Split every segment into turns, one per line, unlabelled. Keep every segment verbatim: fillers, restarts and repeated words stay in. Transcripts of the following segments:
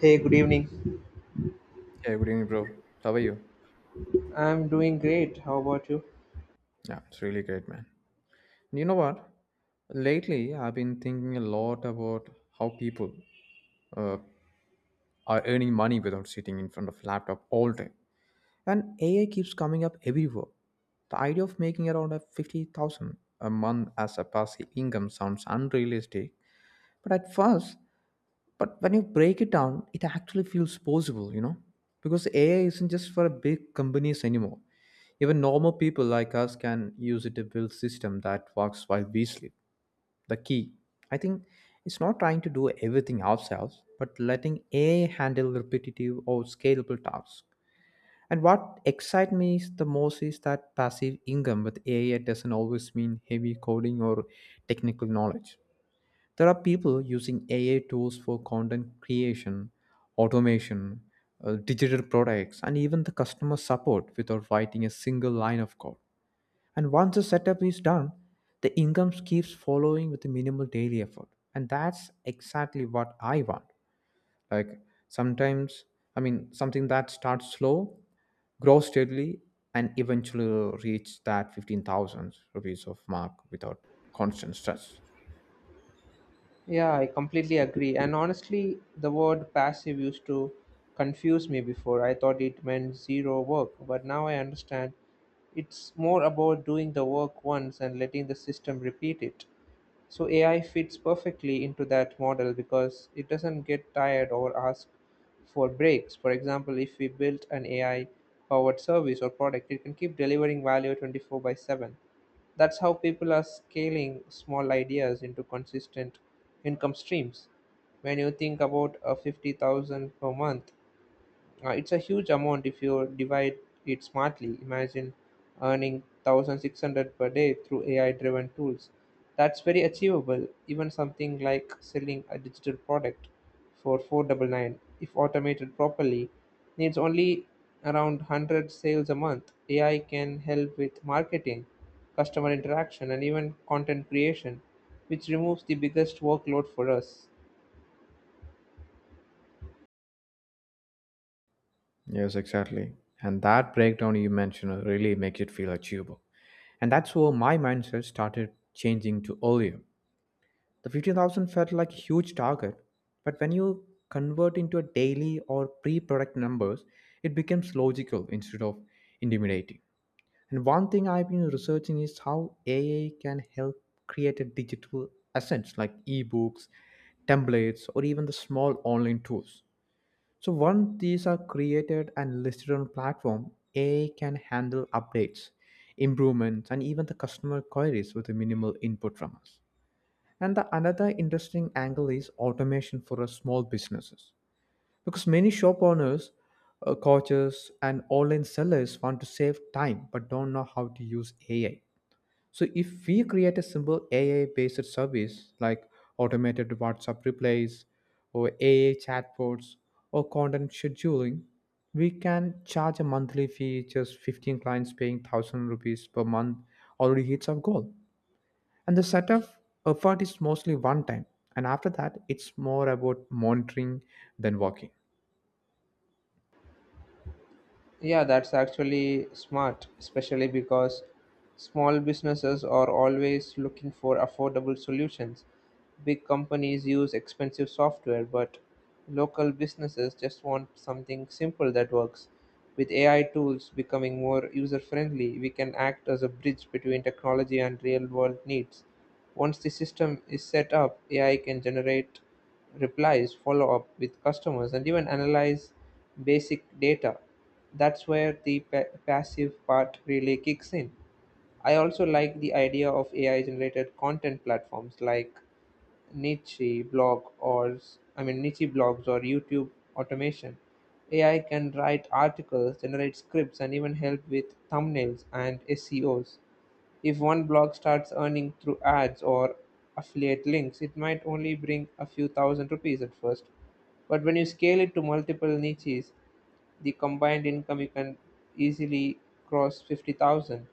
Hey, good evening.
Yeah, good evening, bro. How are you?
I'm doing great. How about you?
Yeah, it's really great, man. You know what? Lately, I've been thinking a lot about how people uh, are earning money without sitting in front of laptop all day. And A I keeps coming up everywhere. The idea of making around a fifty thousand a month as a passive income sounds unrealistic, But at first, but when you break it down, it actually feels possible, you know, because A I isn't just for big companies anymore. Even normal people like us can use it to build system that works while we sleep. The key, I think, is not trying to do everything ourselves, but letting A I handle repetitive or scalable tasks. And what excites me is the most is that passive income with A I doesn't always mean heavy coding or technical knowledge. There are people using A I tools for content creation, automation, uh, digital products, and even the customer support without writing a single line of code. And once the setup is done, the income keeps following with the minimal daily effort. And that's exactly what I want. Like sometimes, I mean, something that starts slow, grows steadily, and eventually reach that fifteen thousand rupees of mark without constant stress.
Yeah, I completely agree. And honestly, the word passive used to confuse me before. I thought it meant zero work, but now I understand it's more about doing the work once and letting the system repeat it. So A I fits perfectly into that model because it doesn't get tired or ask for breaks. For example, if we built an A I powered service or product, it can keep delivering value twenty-four by seven. That's how people are scaling small ideas into consistent income streams. When you think about a fifty thousand per month, uh, it's a huge amount if you divide it smartly. Imagine earning one thousand six hundred per day through A I driven tools. That's very achievable, even something like selling a digital product for four ninety-nine if automated properly needs only around one hundred sales a month. A I can help with marketing, customer interaction, and even content creation, which removes the biggest workload for us.
Yes, exactly. And that breakdown you mentioned really makes it feel achievable. And that's where my mindset started changing to earlier. The fifty thousand felt like a huge target, but when you convert into a daily or pre product numbers, it becomes logical instead of intimidating. And one thing I've been researching is how A I can help create a digital assets like ebooks, templates, or even the small online tools so once these are created and listed on platform, A I can handle updates, improvements, and even the customer queries with a minimal input from us. And the another interesting angle is automation for a small businesses. Because many shop owners, uh, coaches, and online sellers want to save time but don't know how to use A I. So if we create a simple ai based service like automated WhatsApp replies or A I chatbots or content scheduling, we can charge a monthly fee just fifteen clients paying one thousand rupees per month already hits our goal. And the setup effort is mostly one time, and after that it's more about monitoring than working.
Yeah, that's actually smart, especially because small businesses are always looking for affordable solutions. Big companies use expensive software, but local businesses just want something simple that works. With A I tools becoming more user friendly, we can act as a bridge between technology and real world needs. Once the system is set up, A I can generate replies, follow up with customers, and even analyze basic data. That's where the pa- passive part really kicks in. I also like the idea of A I generated content platforms like niche blog or s- I mean, niche blogs or YouTube automation. A I can write articles, generate scripts, and even help with thumbnails and S E Os. If one blog starts earning through ads or affiliate links, it might only bring a few thousand rupees at first. But when you scale it to multiple niches, the combined income you can easily cross fifty thousand.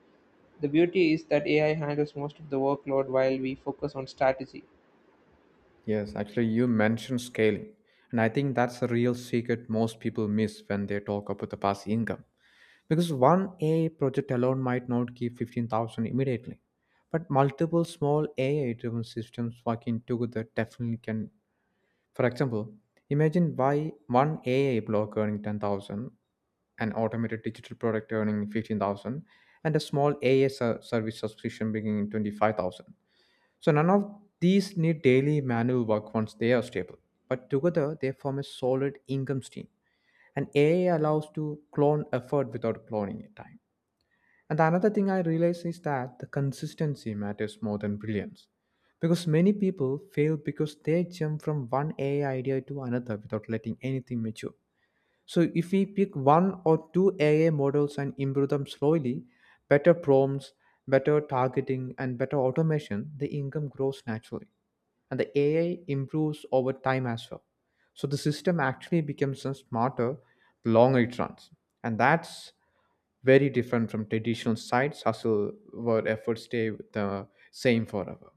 The beauty is that A I handles most of the workload while we focus on strategy.
Yes, actually you mentioned scaling, and I think that's the real secret most people miss when they talk about the past income because one A I project alone might not give fifteen thousand immediately, but multiple small A I driven systems working together definitely can. For example, imagine why one A I block earning ten thousand, an automated digital product earning fifteen thousand, and a small A I ser- service subscription bringing twenty-five thousand. So none of these need daily manual work once they are stable, but together they form a solid income stream. And A I allows to clone effort without cloning time. And another thing I realize is that the consistency matters more than brilliance. Because many people fail because they jump from one A I idea to another without letting anything mature. So if we pick one or two A I models and improve them slowly, better prompts, better targeting, and better automation, the income grows naturally. And the A I improves over time as well. So the system actually becomes a smarter, the longer it runs. And that's very different from traditional sites hustle where efforts stay the same forever.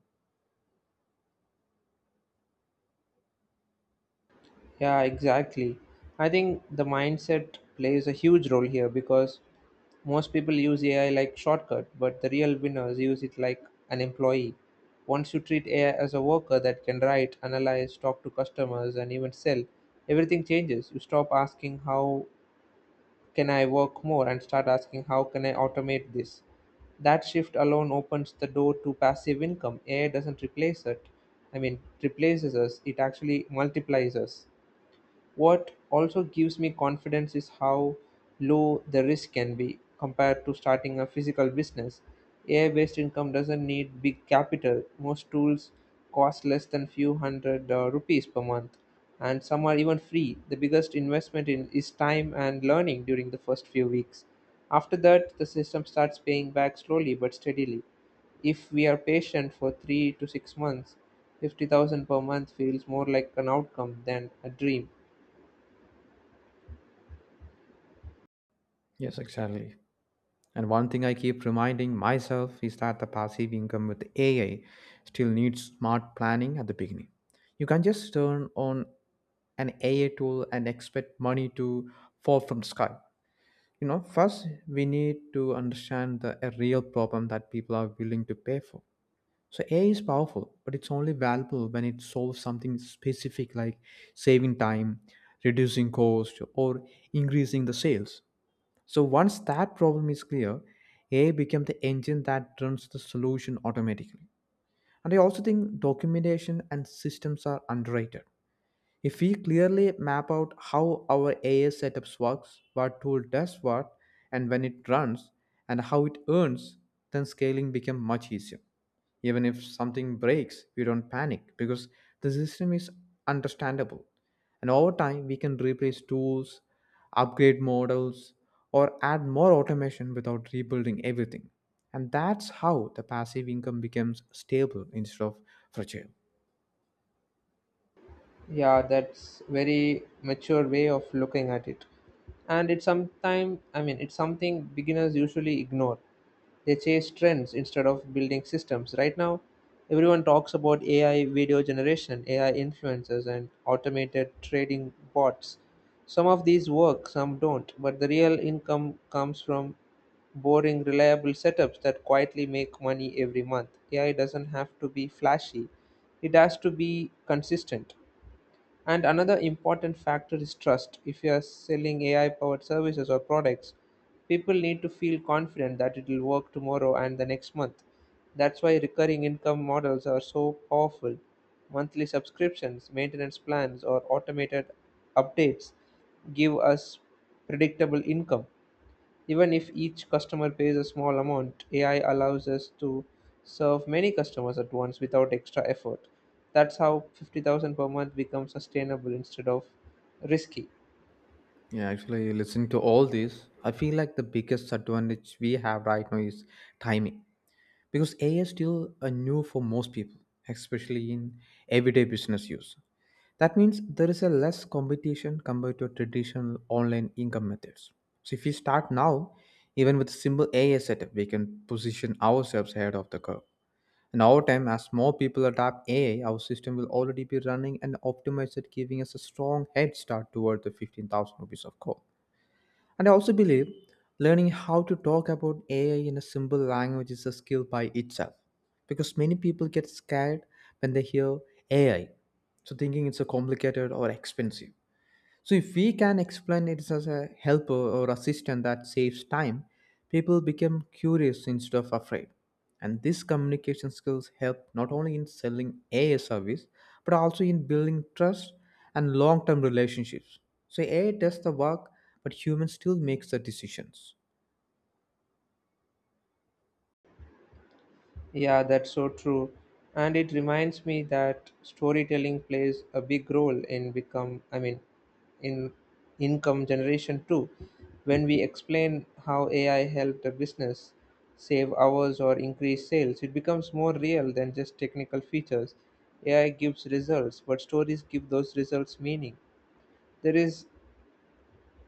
Yeah, exactly. I think the mindset plays a huge role here because most people use A I like shortcut, but the real winners use it like an employee. Once you treat A I as a worker that can write, analyze, talk to customers, and even sell, everything changes. You stop asking how can I work more and start asking how can I automate this? That shift alone opens the door to passive income. A I doesn't replace it, I mean, replaces us, it actually multiplies us. What also gives me confidence is how low the risk can be compared to starting a physical business. A I based income doesn't need big capital. Most tools cost less than few hundred uh, rupees per month, and some are even free. The biggest investment in is time and learning during the first few weeks. After that, the system starts paying back slowly but steadily. If we are patient for three to six months, fifty thousand per month feels more like an outcome than a dream.
Yes, exactly. And one thing I keep reminding myself is that the passive income with A I still needs smart planning at the beginning. You can not just turn on an A I tool and expect money to fall from the sky. You know, first we need to understand the a real problem that people are willing to pay for. So A I is powerful, but it's only valuable when it solves something specific like saving time, reducing cost, or increasing the sales. So once that problem is clear, A I becomes the engine that runs the solution automatically. And I also think documentation and systems are underrated. If we clearly map out how our A I setups works, what tool does what, and when it runs, and how it earns, then scaling becomes much easier. Even if something breaks, we don't panic because the system is understandable. And over time, we can replace tools, upgrade models, or add more automation without rebuilding everything. And that's how the passive income becomes stable instead of fragile.
Yeah, that's very mature way of looking at it, and it's sometime I mean it's something beginners usually ignore. They chase trends instead of building systems. Right now, everyone talks about A I video generation, A I influencers, and automated trading bots. Some of these work, some don't, but the real income comes from boring reliable setups that quietly make money every month. A I doesn't have to be flashy, it has to be consistent. And another important factor is trust. If you are selling A I powered services or products, people need to feel confident that it will work tomorrow and the next month. That's why recurring income models are so powerful. Monthly subscriptions, maintenance plans, or automated updates give us predictable income. Even if each customer pays a small amount, A I allows us to serve many customers at once without extra effort. That's how fifty thousand per month becomes sustainable instead of risky.
Yeah, actually, listening to all this, I feel like the biggest advantage we have right now is timing because A I is still a new for most people, especially in everyday business use. That means there is a less competition compared to traditional online income methods. So if we start now, even with a simple A I setup, we can position ourselves ahead of the curve. And over time, as more people adopt A I, our system will already be running and optimized, giving us a strong head start toward the fifteen thousand rupees of goal. And I also believe learning how to talk about A I in a simple language is a skill by itself because many people get scared when they hear A I, so thinking it's a complicated or expensive. So if we can explain it as a helper or assistant that saves time, people become curious instead of afraid. And these communication skills help not only in selling A I service, but also in building trust and long-term relationships. So A I does the work, but human still makes the decisions.
Yeah, that's so true. And it reminds me that storytelling plays a big role in become I mean, in income generation too. When we explain how A I helped a business save hours or increase sales, it becomes more real than just technical features. A I gives results, but stories give those results meaning. There is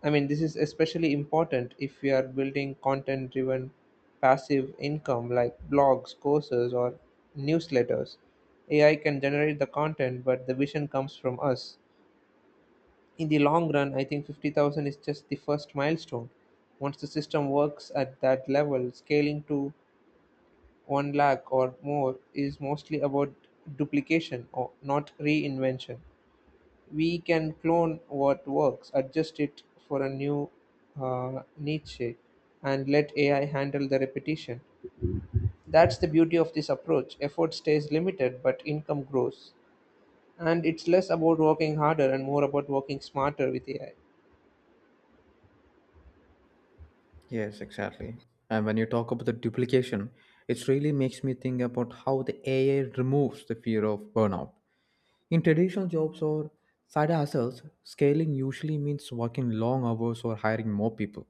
I mean, this is especially important if we are building content driven passive income like blogs, courses, or newsletters. A I can generate the content, but the vision comes from us. In the long run, I think fifty thousand is just the first milestone. Once the system works at that level, scaling to one lakh or more is mostly about duplication, or not reinvention. We can clone what works, adjust it for a new uh, niche, and let A I handle the repetition. That's the beauty of this approach. Effort stays limited, but income grows. And it's less about working harder and more about working smarter with A I.
Yes, exactly. And when you talk about the duplication, it really makes me think about how the A I removes the fear of burnout. In traditional jobs or side hustles, scaling usually means working long hours or hiring more people.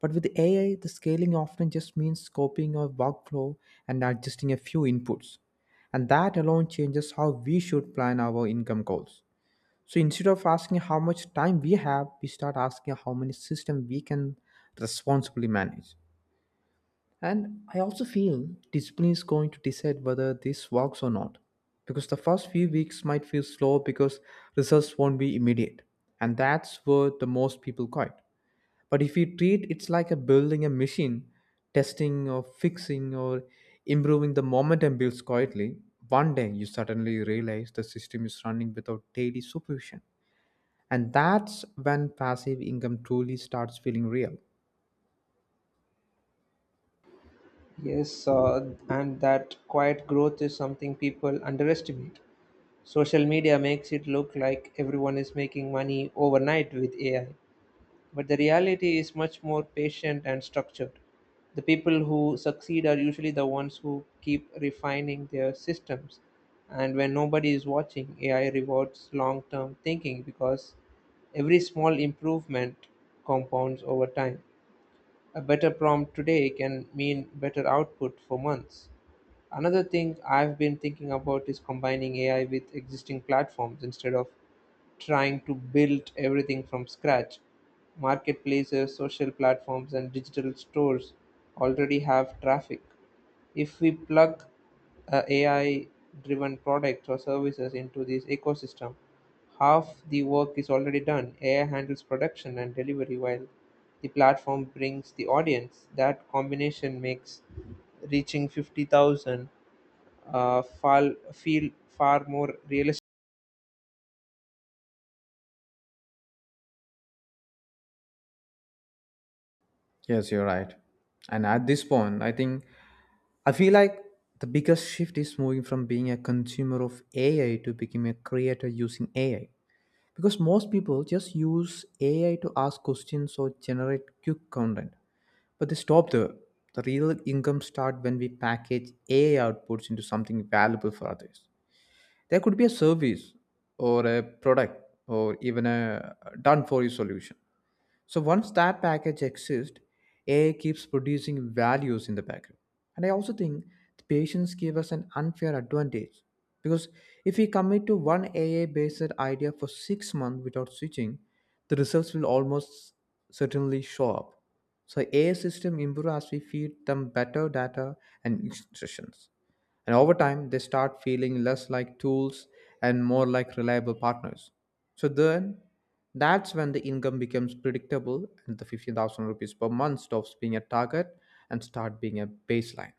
But with A I, the scaling often just means copying a workflow and adjusting a few inputs. And that alone changes how we should plan our income goals. So instead of asking how much time we have, we start asking how many systems we can responsibly manage. And I also feel discipline is going to decide whether this works or not. Because the first few weeks might feel slow because results won't be immediate. And that's where the most people quit. But if you treat it like a building a machine, testing or fixing or improving the momentum builds quietly, one day you suddenly realize the system is running without daily supervision. And that's when passive income truly starts feeling real.
Yes, uh, and that quiet growth is something people underestimate. Social media makes it look like everyone is making money overnight with A I, but the reality is much more patient and structured. The people who succeed are usually the ones who keep refining their systems. And when nobody is watching, A I rewards long term thinking because every small improvement compounds over time. A better prompt today can mean better output for months. Another thing I've been thinking about is combining A I with existing platforms instead of trying to build everything from scratch. Marketplaces, social platforms, and digital stores already have traffic. If we plug a AI driven products or services into this ecosystem, half the work is already done. A I handles production and delivery while the platform brings the audience. That combination makes reaching fifty thousand uh, fal- feel far more realistic.
Yes, you're right. And at this point, I think I feel like the biggest shift is moving from being a consumer of A I to becoming a creator using A I. Because most people just use A I to ask questions or generate quick content. But they stop there. The real income start when we package A I outputs into something valuable for others. There could be a service or a product or even a done for you solution. So once that package exists, A I keeps producing values in the background. And I also think the patients give us an unfair advantage because if we commit to one A I based idea for six months without switching, the results will almost certainly show up. So A I system improve as we feed them better data and instructions. And over time, they start feeling less like tools and more like reliable partners. So then, that's when the income becomes predictable and the fifteen thousand rupees per month stops being a target and start being a baseline.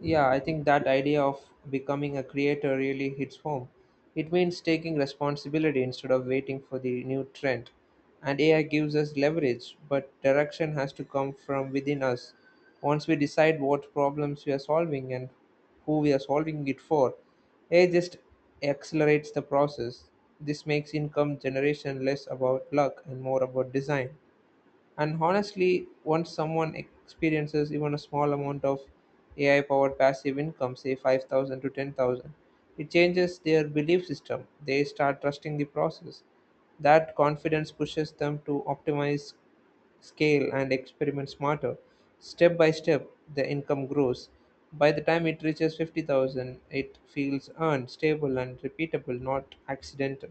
Yeah, I think that idea of becoming a creator really hits home. It means taking responsibility instead of waiting for the new trend. And A I gives us leverage, but direction has to come from within us. Once we decide what problems we are solving and who we are solving it for, A I just accelerates the process. This makes income generation less about luck and more about design. And honestly, once someone experiences even a small amount of A I powered passive income, say five thousand to ten thousand, it changes their belief system. They start trusting the process. That confidence pushes them to optimize, scale, and experiment smarter. Step by step, the income grows. By the time it reaches fifty thousand, it feels earned, stable, and repeatable, not accidental.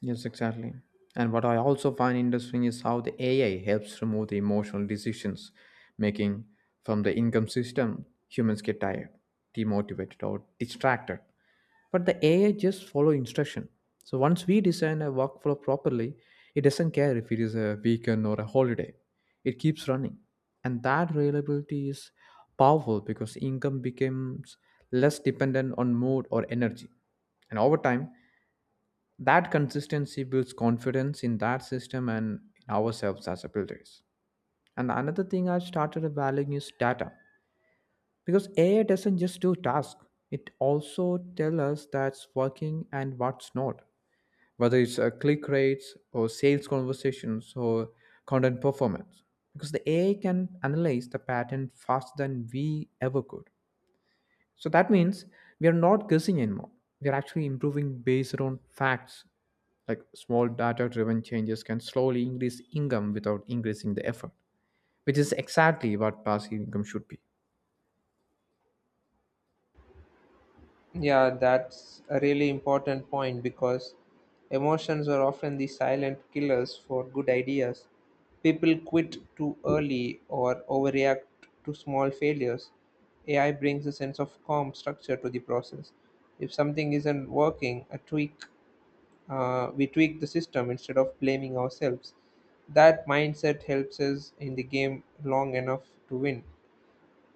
Yes, exactly. And what I also find interesting is how the A I helps remove the emotional decisions making from the income system. Humans get tired, demotivated, or distracted. But the A I just follow instruction. So once we design a workflow properly, it doesn't care if it is a weekend or a holiday. It keeps running. And that reliability is powerful because income becomes less dependent on mood or energy. And over time, that consistency builds confidence in that system and in ourselves as builders. And another thing I started valuing is data. Because A I doesn't just do tasks, it also tells us that's working and what's not. Whether it's uh, click rates or sales conversations or content performance. Because the A I can analyze the pattern faster than we ever could. So that means we are not guessing anymore. We are actually improving based on facts. Like small data driven changes can slowly increase income without increasing the effort, which is exactly what passive income should be.
Yeah, that's a really important point because emotions are often the silent killers for good ideas. People quit too early or overreact to small failures. A I brings a sense of calm structure to the process. If something isn't working, a tweak, uh, we tweak the system instead of blaming ourselves. That mindset helps us in the game long enough to win.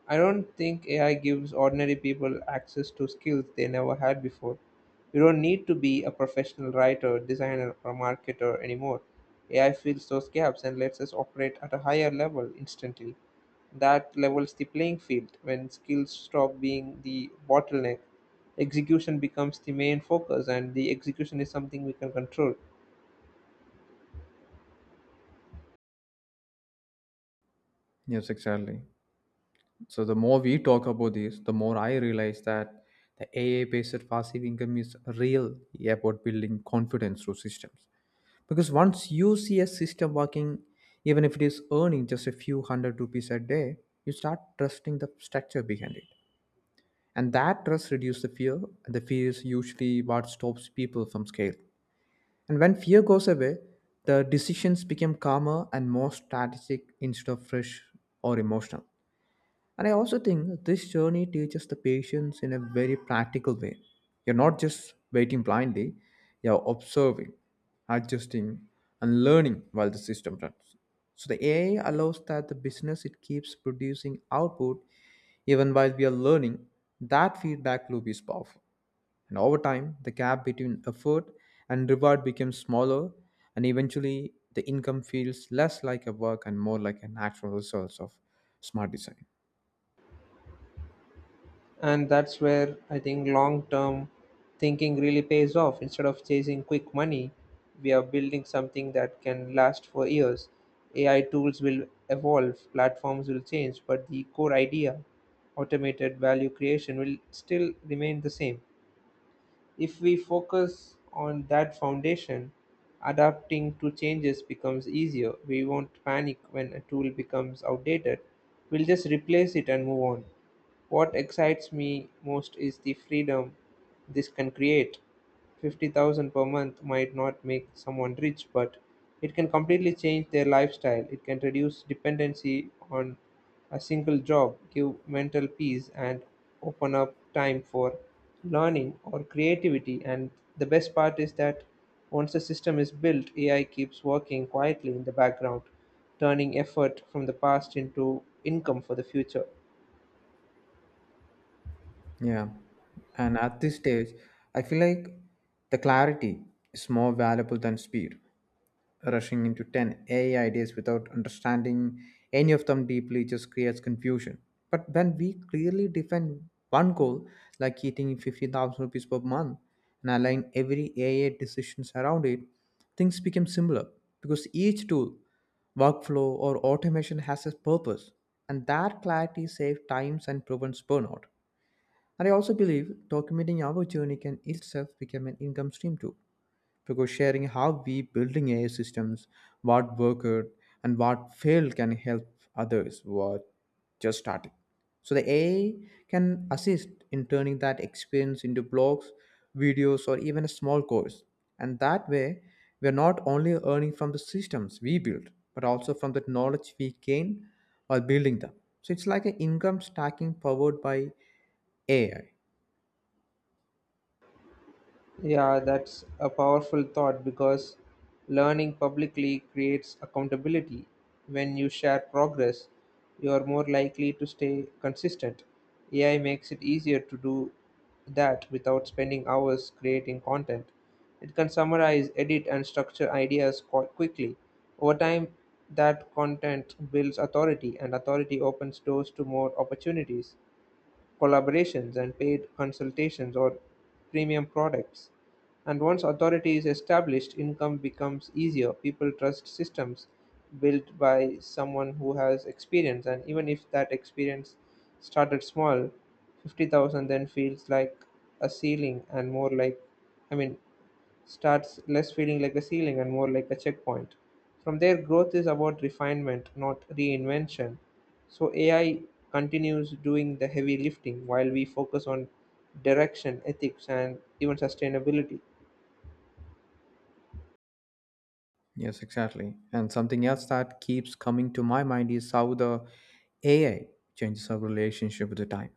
I don't think A I gives ordinary people access to skills they never had before. You don't need to be a professional writer, designer, or marketer anymore. A I fills those gaps and lets us operate at a higher level instantly. That levels the playing field. When skills stop being the bottleneck, execution becomes the main focus, and the execution is something we can control.
Yes, exactly. So the more we talk about this, the more I realize that the ai based passive income is real about building confidence through systems. Because once you see a system working, even if it is earning just a few hundred rupees a day, you start trusting the structure behind it. And that trust reduces the fear, and the fear is usually what stops people from scale. And when fear goes away, the decisions become calmer and more strategic instead of fresh or emotional. And I also think that this journey teaches the patience in a very practical way. You're not just waiting blindly, you're observing, adjusting, and learning while the system runs. So the A I allows that the business it keeps producing output even while we are learning. That feedback loop is powerful. And over time, the gap between effort and reward becomes smaller, and eventually the income feels less like a work and more like a natural result of smart design.
And that's where I think long term thinking really pays off. Instead of chasing quick money, we are building something that can last for years. A I tools will evolve, platforms will change, but the core idea, automated value creation, will still remain the same. If we focus on that foundation, adapting to changes becomes easier. We won't panic when a tool becomes outdated, we'll just replace it and move on. What excites me most is the freedom this can create. fifty thousand per month might not make someone rich, but it can completely change their lifestyle. It can reduce dependency on a single job, give mental peace, and open up time for learning or creativity. And the best part is that once the system is built, A I keeps working quietly in the background, turning effort from the past into income for the future.
Yeah. And at this stage, I feel like the clarity is more valuable than speed. Rushing into ten A I ideas without understanding any of them deeply just creates confusion. But when we clearly define one goal, like hitting fifty thousand rupees per month and align every A I decisions around it, things become similar because each tool, workflow, or automation has a purpose. And that clarity saves times and prevents burnout. And I also believe documenting our journey can itself become an income stream too, because sharing how we building A I systems, what worked and what failed can help others who are just starting. So the A I can assist in turning that experience into blogs, videos, or even a small course. And that way, we are not only earning from the systems we build, but also from the knowledge we gain while building them. So it's like an income stacking powered by A I.
Yeah, that's a powerful thought because learning publicly creates accountability. When you share progress, you are more likely to stay consistent. A I makes it easier to do that without spending hours creating content. It can summarize, edit, and structure ideas quite quickly. Over time, that content builds authority, and authority opens doors to more opportunities, collaborations and paid consultations or premium products. And once authority is established, income becomes easier. People trust systems built by someone who has experience, and even if that experience started small, fifty thousand then feels like a ceiling and more like, I mean, starts less feeling like a ceiling and more like a checkpoint. From there, growth is about refinement, not reinvention. So A I continues doing the heavy lifting while we focus on direction, ethics, and even sustainability.
Yes, exactly. And something else that keeps coming to my mind is how the A I changes our relationship with the time.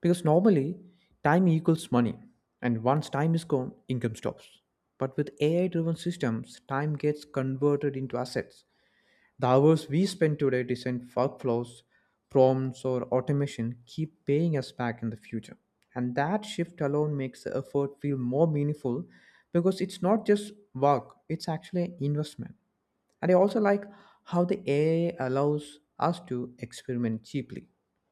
Because normally, time equals money, and once time is gone, income stops. But with A I driven systems, time gets converted into assets. The hours we spend today design workflows, prompts, or automation keep paying us back in the future. And that shift alone makes the effort feel more meaningful because it's not just work, it's actually an investment. And I also like how the A I allows us to experiment cheaply.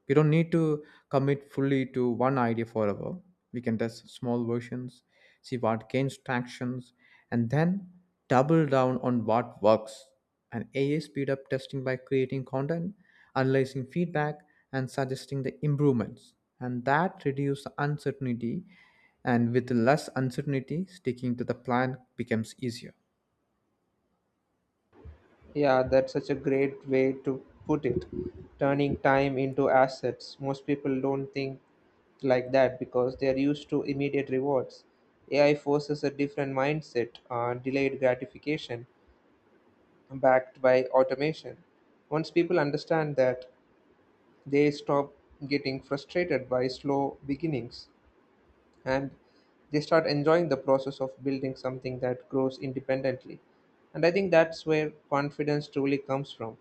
We don't need to commit fully to one idea forever. We can test small versions, see what gains tractions, and then double down on what works. And A I speed up testing by creating content, analyzing feedback, and suggesting the improvements. And that reduces uncertainty. And with less uncertainty, sticking to the plan becomes easier.
Yeah, that's such a great way to put it. Turning time into assets. Most people don't think like that because they are used to immediate rewards. A I forces a different mindset, uh, delayed gratification, backed by automation. Once people understand that, they stop getting frustrated by slow beginnings and they start enjoying the process of building something that grows independently. And I think that's where confidence truly comes from,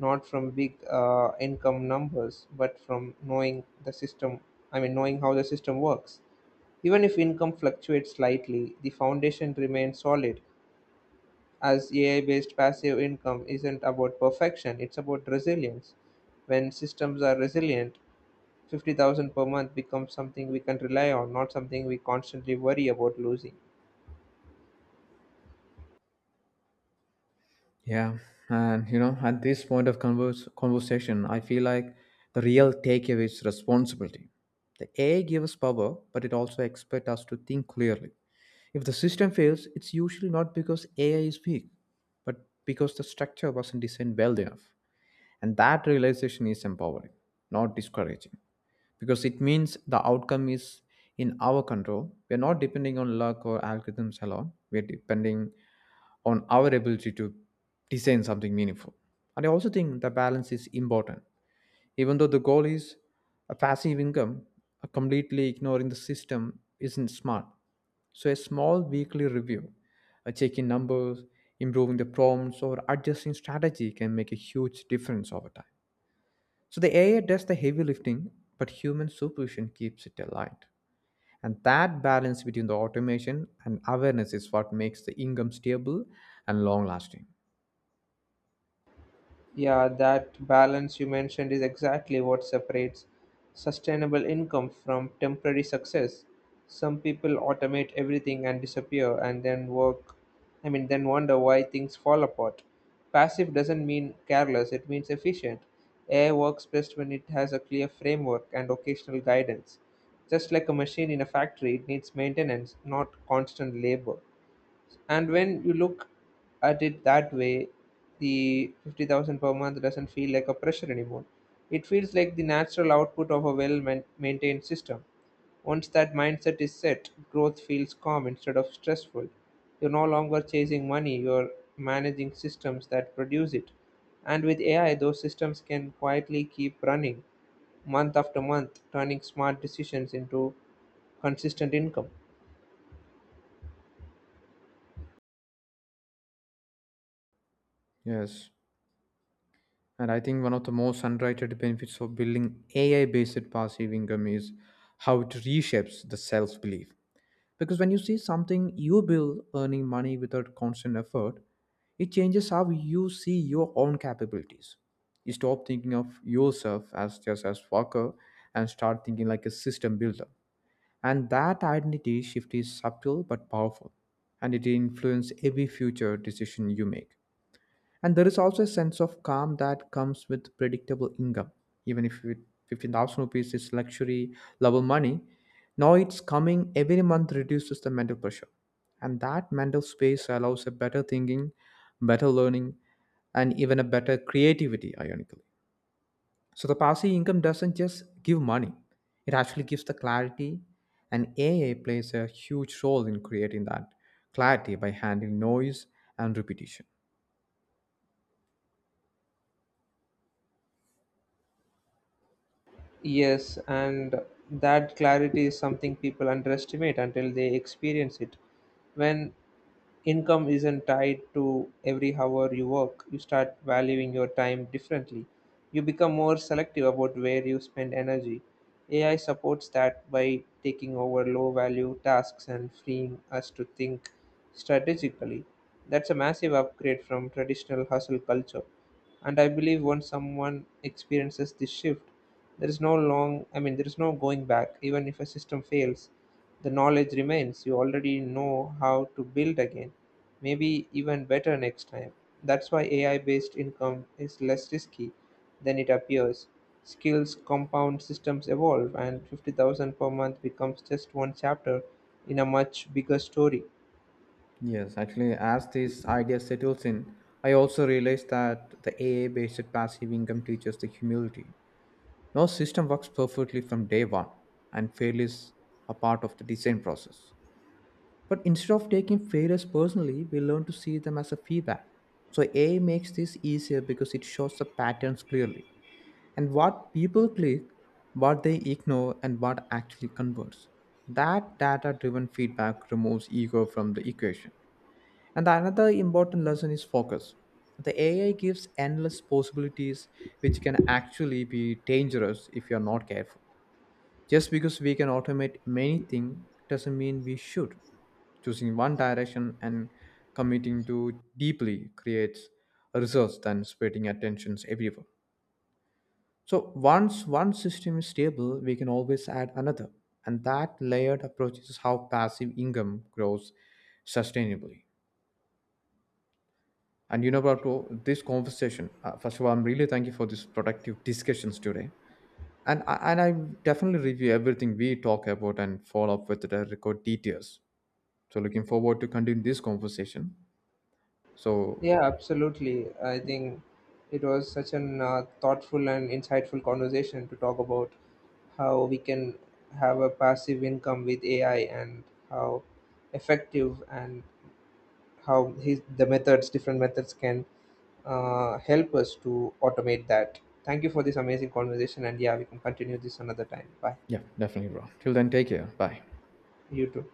not from big uh, income numbers, but from knowing the system, I mean, knowing how the system works. Even if income fluctuates slightly, the foundation remains solid as A I based passive income isn't about perfection, it's about resilience. When systems are resilient, fifty thousand per month becomes something we can rely on, not something we constantly worry about losing.
Yeah, and you know, at this point of converse, conversation, I feel like the real takeaway is responsibility. The A I gives us power, but it also expects us to think clearly. If the system fails, it's usually not because A I is weak, but because the structure wasn't designed well enough. And that realization is empowering, not discouraging, because it means the outcome is in our control. We're not depending on luck or algorithms alone. We're depending on our ability to design something meaningful. And I also think the balance is important. Even though the goal is a passive income, uh, completely ignoring the system isn't smart. So a small weekly review, a check in numbers, improving the prompts, or adjusting strategy can make a huge difference over time. So the A I does the heavy lifting, but human supervision keeps it aligned. And that balance between the automation and awareness is what makes the income stable and long lasting.
Yeah, that balance you mentioned is exactly what separates sustainable income from temporary success. Some people automate everything and disappear and then work, I mean, then wonder why things fall apart. Passive doesn't mean careless, it means efficient. A I works best when it has a clear framework and occasional guidance. Just like a machine in a factory, it needs maintenance, not constant labor. And when you look at it that way, the fifty thousand per month doesn't feel like a pressure anymore. It feels like the natural output of a well man- maintained system. Once that mindset is set, growth feels calm instead of stressful. You're no longer chasing money, you're managing systems that produce it. And with A I, those systems can quietly keep running month after month, turning smart decisions into consistent income.
Yes, and I think one of the most underrated benefits of building A I-based passive income is how it reshapes the self-belief. Because when you see something you build earning money without constant effort, it changes how you see your own capabilities. You stop thinking of yourself as just as worker and start thinking like a system builder. And that identity shift is subtle but powerful, and it influences every future decision you make. And there is also a sense of calm that comes with predictable income. Even if it, fifteen thousand rupees is luxury level money, now it's coming every month reduces the mental pressure. And that mental space allows a better thinking, better learning, and even a better creativity, ironically. So the passive income doesn't just give money, it actually gives the clarity. And A A plays a huge role in creating that clarity by handling noise and repetition.
Yes, and that clarity is something people underestimate until they experience it. When income isn't tied to every hour you work, you start valuing your time differently, you become more selective about where you spend energy. A I supports that by taking over low value tasks and freeing us to think strategically. That's a massive upgrade from traditional hustle culture. And I believe once someone experiences this shift, there is no long, I mean, there is no going back. Even if a system fails, the knowledge remains. You already know how to build again, maybe even better next time. That's why A I based income is less risky than it appears. Skills compound, systems evolve, and fifty thousand per month becomes just one chapter in a much bigger story.
Yes, actually, as this idea settles in, I also realize that the A A based passive income teaches the humility. No system works perfectly from day one, and failure is a part of the design process. But instead of taking failures personally, we learn to see them as a feedback. So, A I makes this easier because it shows the patterns clearly and what people click, what they ignore, and what actually converts. That data driven feedback removes ego from the equation and the another important lesson is focus. The A I gives endless possibilities which can actually be dangerous if you're not careful. Just because we can automate many things doesn't mean we should. Choosing one direction and committing to deeply creates results than spreading attentions everywhere. So once one system is stable, we can always add another. And that layered approach is how passive income grows sustainably. And you know, Prabhu, this conversation, uh, first of all, I'm really thank you for this productive discussions today. And I, and I definitely review everything we talk about and follow up with the record details. So looking forward to continue this conversation. So
Yeah, absolutely. I think it was such an uh, thoughtful and insightful conversation to talk about how we can have a passive income with A I and how effective and how his, the methods, different methods can uh, help us to automate that. Thank you for this amazing conversation. And yeah, we can continue this another time. Bye.
yeah, definitely, bro. Till then, take care. Bye.
You too.